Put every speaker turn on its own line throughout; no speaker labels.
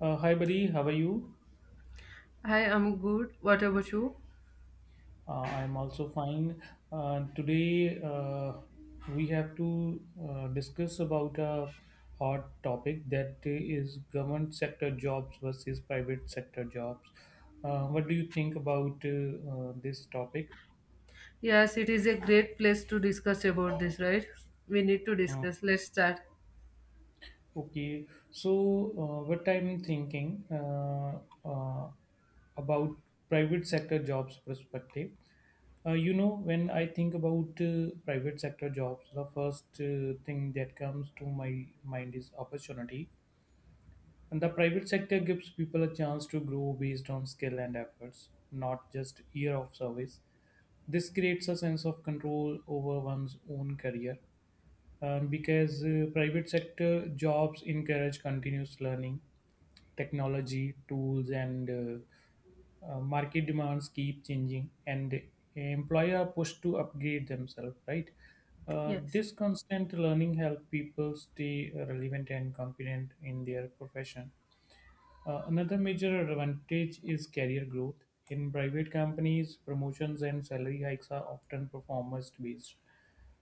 Hi, buddy. How are you?
Hi, I'm good. What about you?
I'm also fine. Today, we have to discuss about a hot topic that is government sector jobs versus private sector jobs. What do you think about this topic?
Yes, it is a great place to discuss about this, right? We need to
Uh,
discuss. Let's start.
Okay, so what I'm thinking uh, about private sector jobs perspective. You know, when I think about private sector jobs, the first thing that comes to my mind is opportunity. And the private sector gives people a chance to grow based on skill and efforts, not just year of service. This creates a sense of control over one's own career because private sector jobs encourage continuous learning, technology tools, and market demands keep changing, and employer are pushed to upgrade themselves, right?
Yes.
This constant learning help people stay relevant and confident in their profession. Another major advantage is career growth. In private companies, promotions and salary hikes are often performance based.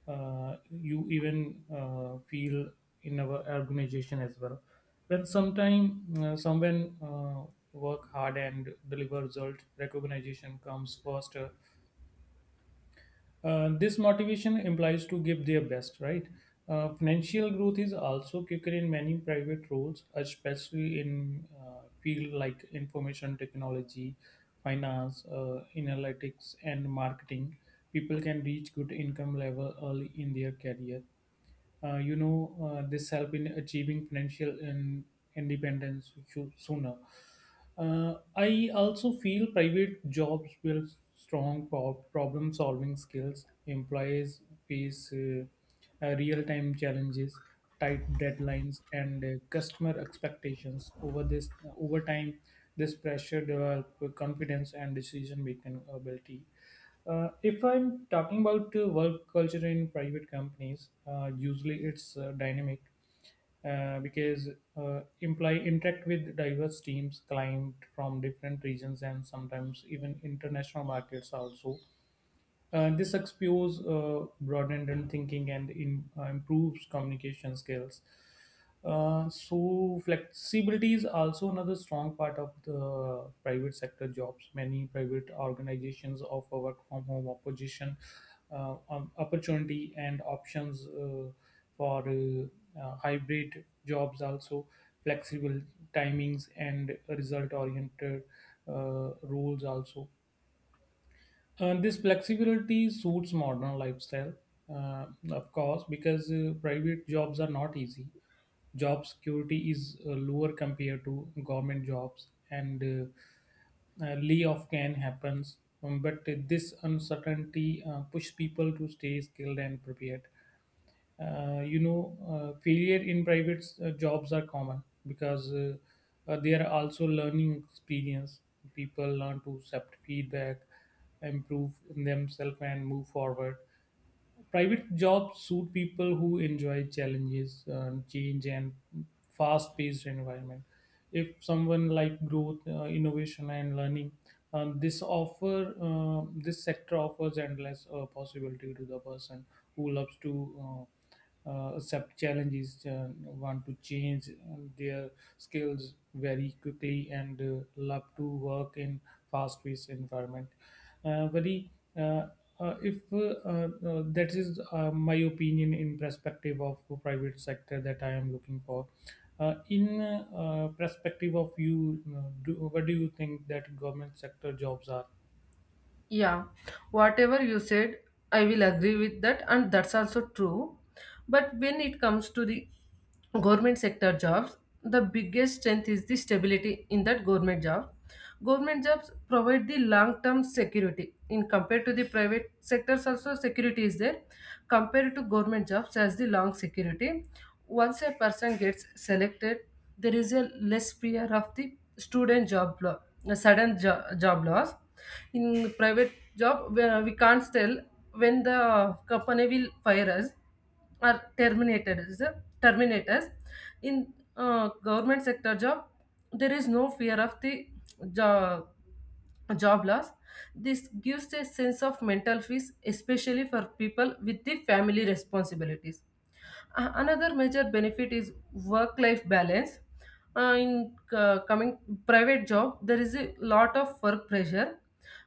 You even feel in our organization as well. When sometime someone work hard and deliver result, recognition comes faster. This motivation implies to give their best, right? Financial growth is also kicker in many private roles, especially in field like information technology, finance, analytics, and marketing. People can reach good income level early in their career. uh, you know this help in achieving financial in independence sooner. I also feel private jobs build strong problem solving skills. Employees face real time challenges, tight deadlines, and customer expectations. Over time, this pressure develop confidence and decision making ability. If I'm talking about work culture in private companies, usually it's dynamic because employee interact with diverse teams, client from different regions, and sometimes even international markets also. This exposes broadened thinking and improves communication skills. So flexibility is also another strong part of the private sector jobs. Many private organizations offer work from home opposition, opportunity and options for hybrid jobs also, flexible timings, and result oriented roles also, and this flexibility suits modern lifestyle. Of course because private jobs are not easy. Job security is lower compared to government jobs, and layoff can happen. But this uncertainty pushes people to stay skilled and prepared. uh, you know, Failure in private jobs are common because they are also learning experience. People learn to accept feedback, improve themselves, and move forward. Private jobs suit people who enjoy challenges, change, and fast-paced environment. If someone like growth, innovation, and learning, this sector offers endless possibility to the person who loves to. Accept challenges, want to change their skills very quickly, and love to work in fast-paced environment. Very uh, if That is my opinion in perspective of private sector that I am looking for. In perspective of you, what do you think that government sector jobs are?
Yeah, whatever you said, I will agree with that, and that's also true. But when it comes to the government sector jobs, the biggest strength is the stability in that government job. Government jobs provide the long term security. In compared to the private sectors, also security is there. Compared to government jobs, as the long security. Once a person gets selected, there is a less fear of the a sudden job loss in private job where we can't tell when the company will fire us or terminate us in government sector job, there is no fear of the job job loss. This gives a sense of mental peace, especially for people with the family responsibilities. Another major benefit is work life balance. In coming private job, there is a lot of work pressure.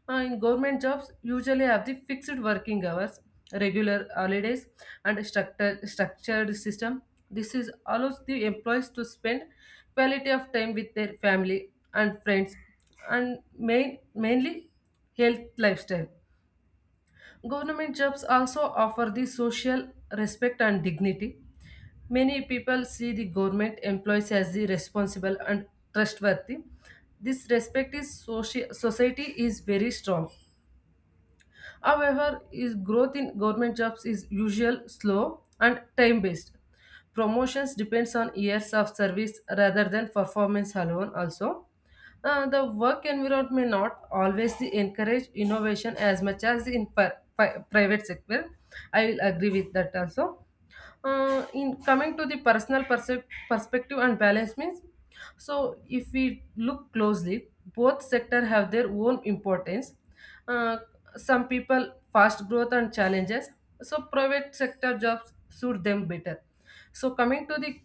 In government jobs, usually have the fixed working hours, regular holidays, and structured system. This is allows the employees to spend quality of time with their family and friends, and mainly health lifestyle. Government jobs also offer the social respect and dignity. Many people see the government employees as the responsible and trustworthy. This respect is society is very strong. However, is growth in government jobs is usual slow and time based. Promotions depends on years of service rather than performance alone. Also, the work environment may not always encourage innovation as much as in private sector. I will agree with that also. In coming to the personal perspective and balance means, so if we look closely, both sector have their own importance. uh, some people fast growth and challenges, so private sector jobs suit them better. So coming to the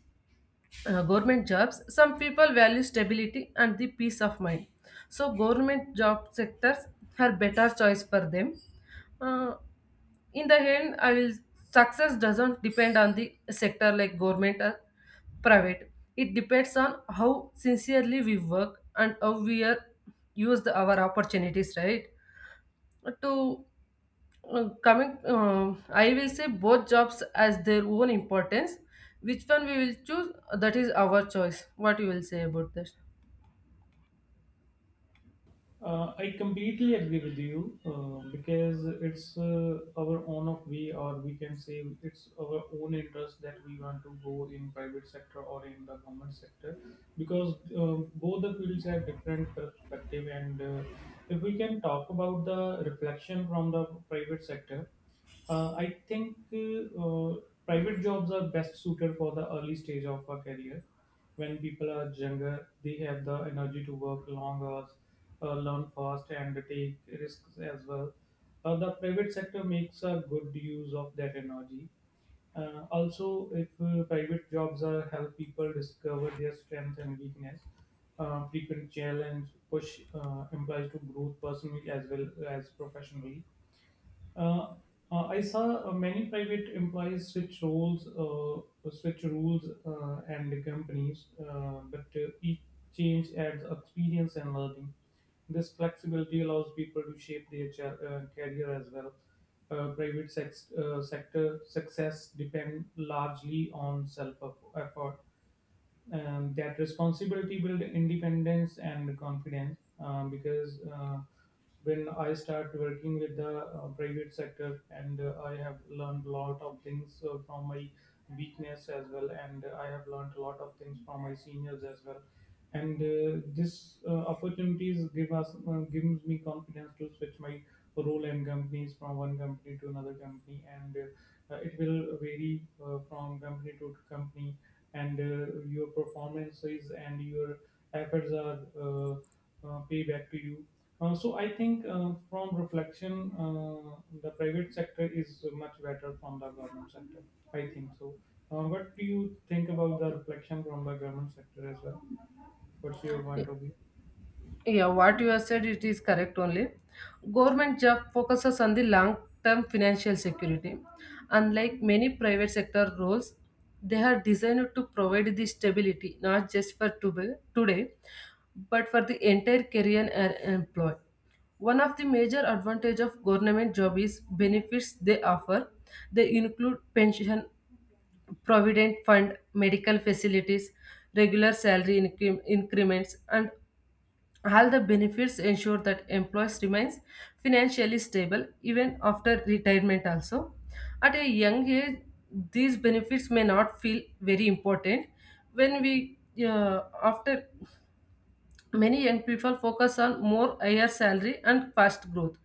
government jobs, some people value stability and the peace of mind, so government job sectors are better choice for them. Uh, in the end, I will, success doesn't depend on the sector like government or private. It depends on how sincerely we work and how we are use our opportunities, right? To coming I will say both jobs as their own importance. Which one we will choose, that is our choice. What you will say about this?
I completely agree with you because it's our own of we, or we can say it's our own interest that we want to go in private sector or in the government sector, because both the fields have different perspective. And if we can talk about the reflection from the private sector, I think private jobs are best suited for the early stage of a career. When people are younger, they have the energy to work long hours, learn fast, and take risks as well. The private sector makes a good use of that energy. Also, if private jobs are help people discover their strengths and weakness. Frequent challenge push implies to growth personally as well as professionally. uh, I saw many private employees switch roles, switch rules, and the companies, but each change adds experience and learning. This flexibility allows people to shape their career as well. Private sector success depend largely on self effort. That responsibility build independence and confidence, because when I start working with the private sector and I have learned a lot of things from my weakness as well, and I have learned a lot of things from my seniors as well. And this opportunities gives me confidence to switch my role and companies from one company to another company, and it will vary from company to company. And your performances and your efforts are pay back to you. So I think from reflection, the private sector is much better from the government sector. I think so. What do you think about the reflection from the government sector as well? What's your point of view?
Yeah, what you have said, it is correct only. Government job focuses on the long-term financial security. Unlike many private sector roles, they are designed to provide the stability, not just for today, but for the entire career and employee. One of the major advantage of government job is benefits they offer. They include pension, provident fund, medical facilities, regular salary increments, and all the benefits ensure that employees remains financially stable even after retirement also. At a young age, these benefits may not feel very important when we after, many young people focus on more higher salary and fast growth.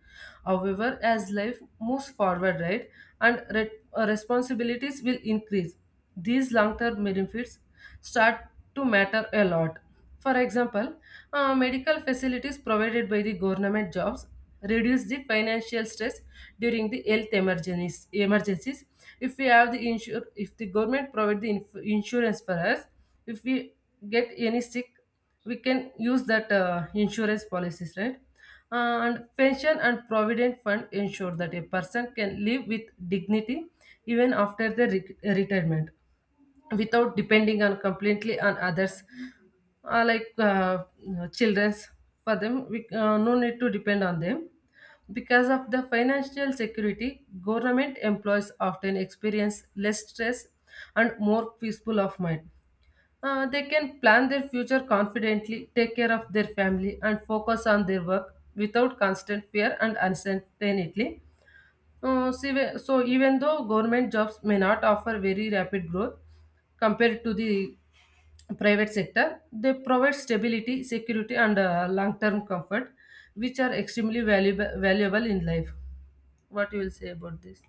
However, as life moves forward, right, and responsibilities will increase, these long term benefits start to matter a lot. For example, medical facilities provided by the government jobs reduce the financial stress during the health emergencies. If we have the if the government provide the insurance for us, if we get any sick, we can use that insurance policies, right? And pension and provident fund ensure that a person can live with dignity even after the retirement, without depending on completely on others, uh, like uh, children's. For them, we no need to depend on them because of the financial security. Government employees often experience less stress and more peaceful of mind. They can plan their future confidently, take care of their family, and focus on their work without constant fear and uncertainty. So even though government jobs may not offer very rapid growth compared to the private sector, they provide stability, security, and long-term comfort, which are extremely valuable in life. What you will say about this?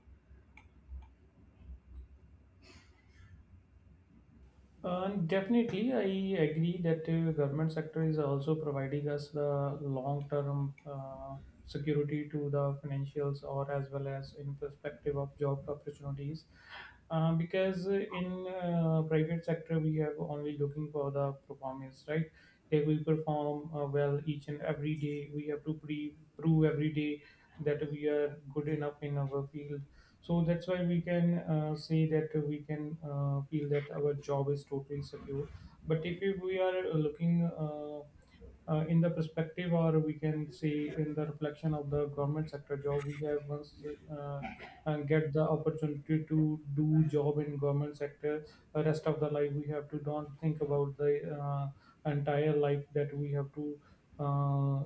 And definitely, I agree that the government sector is also providing us the long-term security to the financials, or as well as in perspective of job opportunities. Because in private sector, we have only looking for the performance, right? If we perform well each and every day, we have to prove every day that we are good enough in our field, so that's why we can say that we can feel that our job is totally secure. But if we are looking in the perspective, or we can see in the reflection of the government sector job, we have once uh, and get the opportunity to do job in government sector, the rest of the life we have to don't think about the uh, entire life, that we have to uh,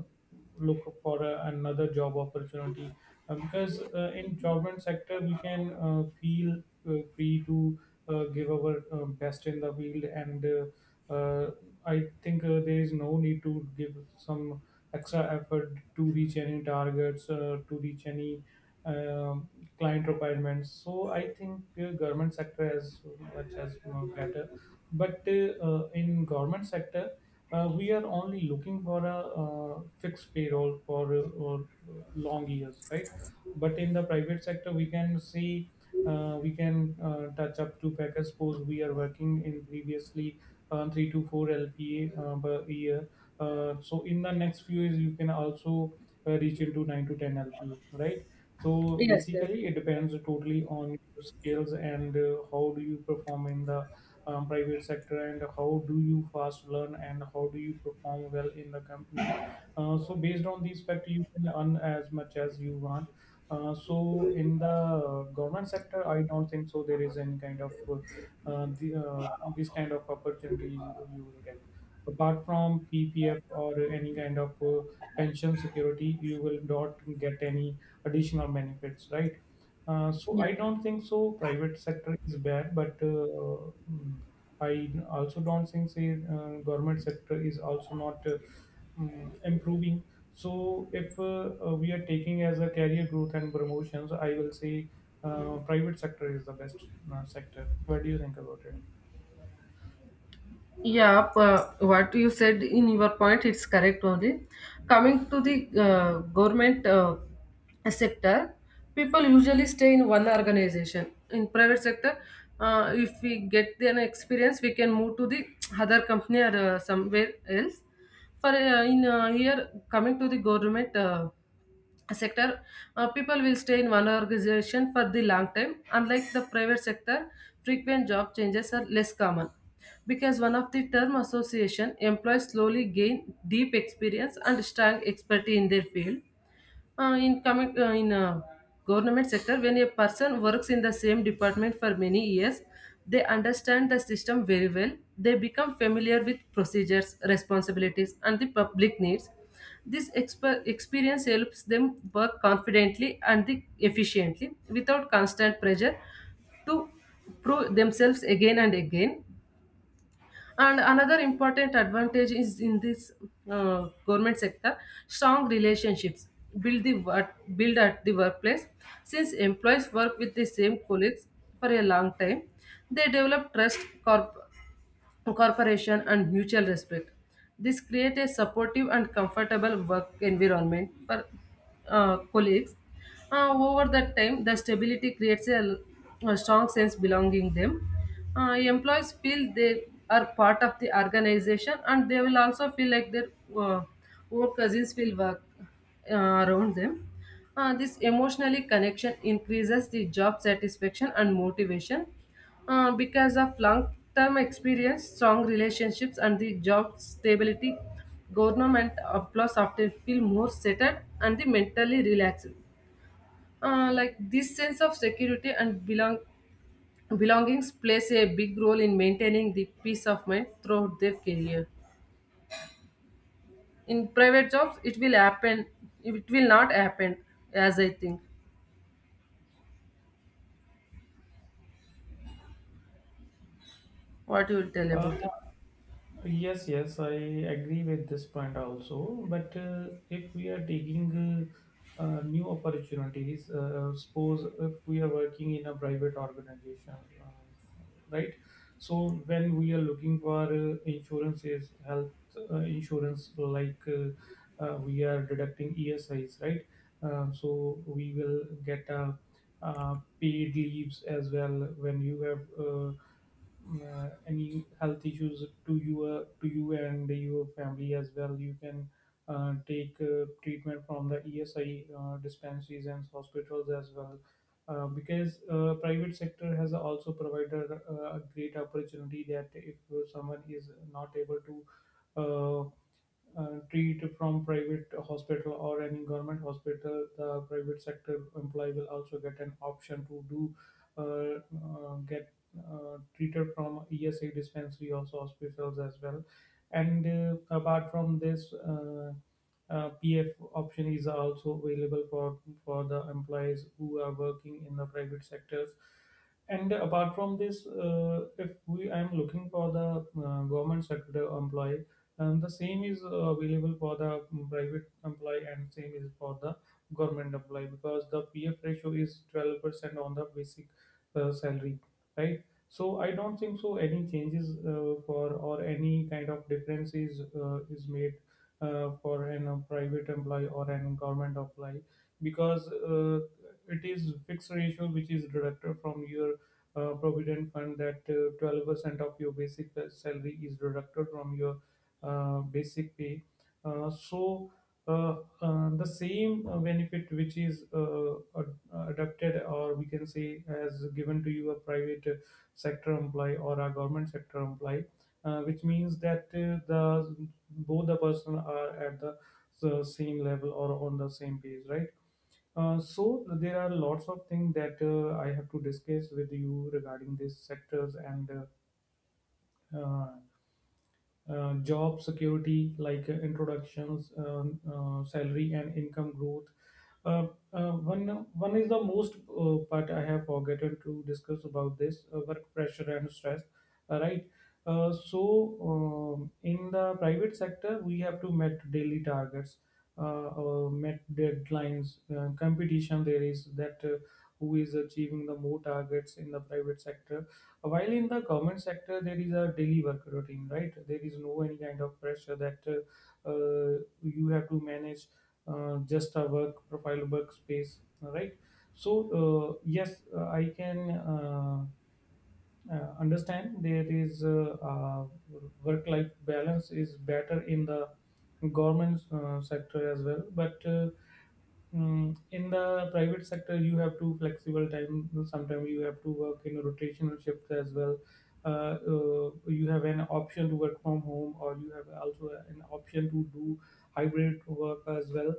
look for another job opportunity, because in government sector we can feel free to give our best in the field. And uh, I think there is no need to give some extra effort to reach any targets, to reach any um client requirements. So I think government sector as much as more better, but in government sector, we are only looking for a fixed payroll for or long years, right? But in the private sector, we can see we can touch up to package. Suppose we are working in previously 3 to 4 lpa per year, so in the next few years you can also reach into 9 to 10 lpa, right? So
Yes, yes,
basically it depends totally on your skills, and how do you perform in the private sector, and how do you fast learn, and how do you perform well in the company. So based on these factors you can earn as much as you want. So in the government sector I don't think so there is any kind of this kind of opportunities you will get. Apart from PPF or any kind of pension security, you will not get any additional benefits, right? So
yeah.
I don't think so. Private sector is bad, but mm, I also don't think say government sector is also not mm, improving. So if we are taking as a career growth and promotions, I will say private sector is the best sector. What do you think about it?
Yeah, what you said in your point, it's correct only. Coming to the government sector, people usually stay in one organization. In private sector, if we get an experience, we can move to the other company or somewhere else. For in Here, coming to the government. Sector, people will stay in one organization for the long time. Unlike the private sector, frequent job changes are less common, because one of the term association employees slowly gain deep experience and strong expertise in their field. In coming in Government sector, when a person works in the same department for many years, they understand the system very well. They become familiar with procedures, responsibilities, and the public needs. This experience helps them work confidently and efficiently, without constant pressure to prove themselves again and again. And another important advantage is in this government sector, strong relationships build the work, build at the workplace. Since employees work with the same colleagues for a long time, they develop trust. Corp- Cooperation, and mutual respect. This creates a supportive and comfortable work environment for colleagues. Over that time, the stability creates a strong sense belonging them. Employees feel they are part of the organization, and they will also feel like their uh, own cousins will work around them. This emotionally connection increases the job satisfaction and motivation. Because of long-term experience, strong relationships, and the job stability, government employees often feel more settled and the mentally relaxed. Like this sense of security and belongings plays a big role in maintaining the peace of mind throughout their career. In private jobs, it will happen. It will not happen, as I think. What you will tell
Uh,
about it?
yes, yes, I agree with this point also. But if we are taking new opportunities, suppose if we are working in a private organization, uh, right? So when we are looking for insurances, health insurance, like we are deducting ESIs, right? So we will get a paid leaves as well. When you have any health issues to you, to you and your family as well, you can take treatment from the ESI dispensaries and hospitals as well. Because private sector has also provided a great opportunity that if someone is not able to uh, treat from private hospital or any government hospital, the private sector employee will also get an option to do uh, get treated from ESA dispensary, also hospitals as well. And apart from this, PF option is also available for the employees who are working in the private sectors. And apart from this, if we I am looking for the government sector employee, and the same is available for the private employee, and same is for the government employee, because the PF ratio is 12% on the basic salary, right? So I don't think so any changes for or any kind of difference is made for an private employee or an government employee because it is fixed ratio which is deducted from your provident fund that 12% of your basic salary is deducted from your basic pay. So the same benefit which is adapted or we can say as given to you a private sector employee or a government sector employee, which means that the both the person are at the same level or on the same page, right? So there are lots of things that I have to discuss with you regarding these sectors and uh, uh, job security like introductions salary and income growth uh, uh, one one is the most part I have forgotten to discuss about this work pressure and stress, right. So in the private sector we have to met daily targets, met deadlines, competition there is that who is achieving the more targets in the private sector, while in the government sector, there is a daily work routine, right? There is no any kind of pressure that you have to manage, just a work profile, workspace, right? So yes, I can understand there is work-life balance is better in the government sector as well, but in the private sector, you have to flexible time. Sometimes you have to work in rotational shifts as well. You have an option to work from home, or you have also an option to do hybrid work as well.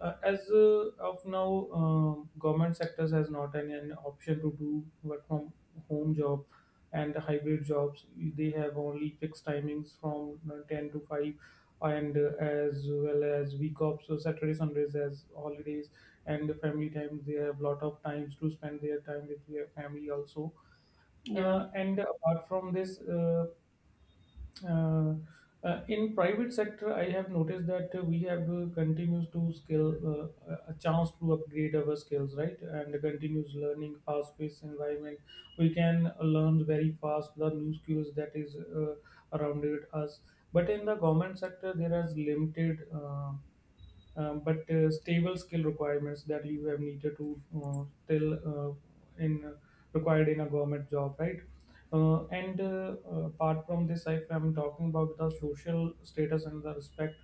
As of now, government sectors has not an option to do work from home job and hybrid jobs. They have only fixed timings from 10 to 5 and as well as week off, so saturday sundays as holidays, and the family time, they have lot of times to spend their time with their family also.
Yeah,
And apart from this, uh, in private sector I have noticed that we have continues to skill, a chance to upgrade our skills, right? And continuous learning, fast paced environment, we can learn very fast the new skills that is around it us, but in the government sector there is limited, but stable skill requirements that you have needed to till in required in a government job, right? And Apart from this, if I'm talking about the social status and the respect,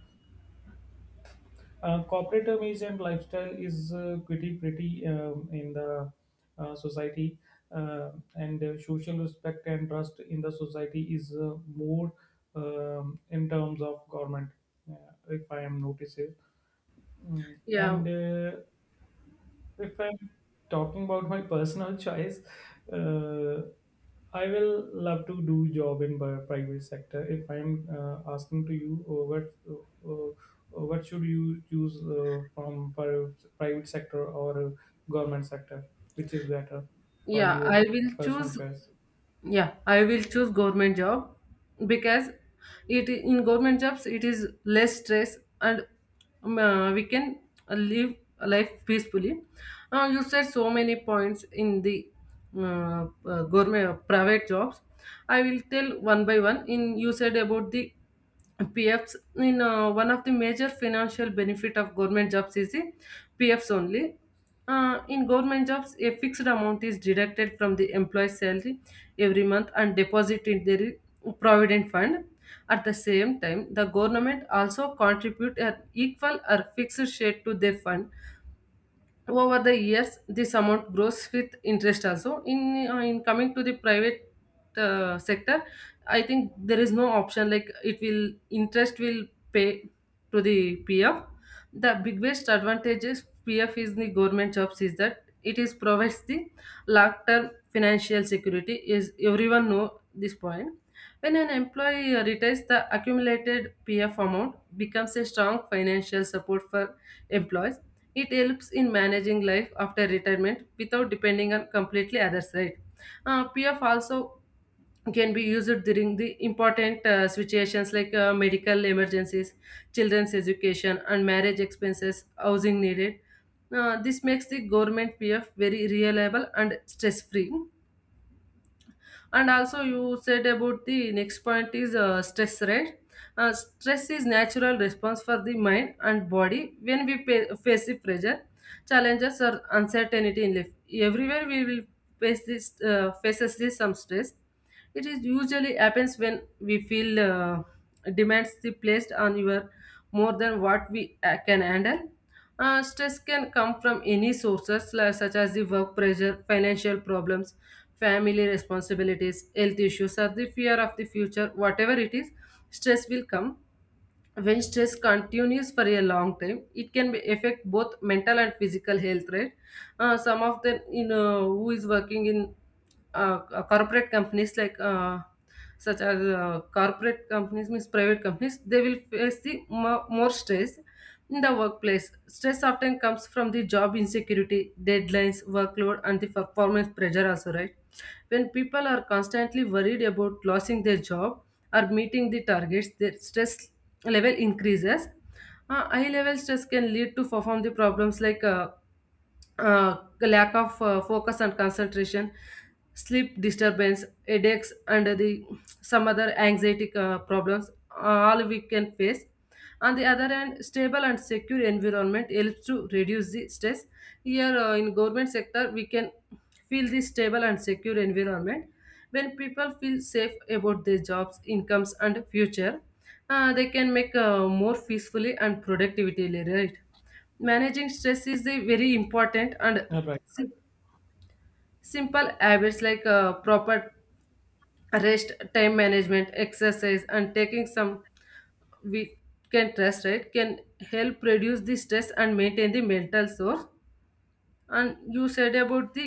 corporate image and lifestyle is pretty in the society, and social respect and trust in the society is more in terms of government, uh, if I am noticing. Mm,
yeah,
and If I'm talking about my personal choice, uh, I will love to do job in private sector. If I'm asking to you, uh, what should you choose from private sector or government sector, which is better for
yeah.
your
I will
personal
choose
choice?
Yeah, I will choose government job, because it, in government jobs, it is less stress and we can live life peacefully. You said so many points in the government private jobs. I will tell one by one. In you said about the PFs, in one of the major financial benefit of government jobs is the PFs only. In government jobs, a fixed amount is deducted from the employee's salary every month and deposited in their provident fund. At the same time, the government also contribute an equal or fixed share to their fund. Over the years, this amount grows with interest also. In coming to the private sector, I think there is no option like it will interest will pay to the PF. The biggest advantage is PF is the government jobs is that it is provides the long term financial security, is everyone know this point. When an employee retires, the accumulated PF amount becomes a strong financial support for employees. It helps in managing life after retirement without depending on completely others, right? PF also can be used during the important situations like medical emergencies, children's education, and marriage expenses, housing needed. This makes the government PF very reliable and stress free. And also, you said about the next point is stress, right? Stress is natural response for the mind and body when we face the pressure, challenges, or uncertainty in life. Everywhere we will faces this some stress. It is usually happens when we feel demands the placed on your more than what we can handle. Stress can come from any sources like, such as the work pressure, financial problems, family responsibilities, health issues, or the fear of the future. Whatever it is, stress will come. When stress continues for a long time, it can be affect both mental and physical health, right? Some of them, you know, who is working in corporate companies, like such as corporate companies means private companies, they will face the more stress. In the workplace, stress often comes from the job insecurity, deadlines, workload, and the performance pressure, also, right? When people are constantly worried about losing their job or meeting the targets, their stress level increases. High level stress can lead to perform the problems like lack of focus and concentration, sleep disturbance, headaches, and the some other anxiety problems, uh, all we can face. On the other hand, stable and secure environment helps to reduce the stress. Here in government sector, we can feel the stable and secure environment. When people feel safe about their jobs, incomes, and future, they can make more peacefully and productively, right? Managing stress is a very important and
All right.
sim- simple habits like proper rest, time management, exercise, and taking some we can rest, right, can help reduce the stress and maintain the mental source. And you said about the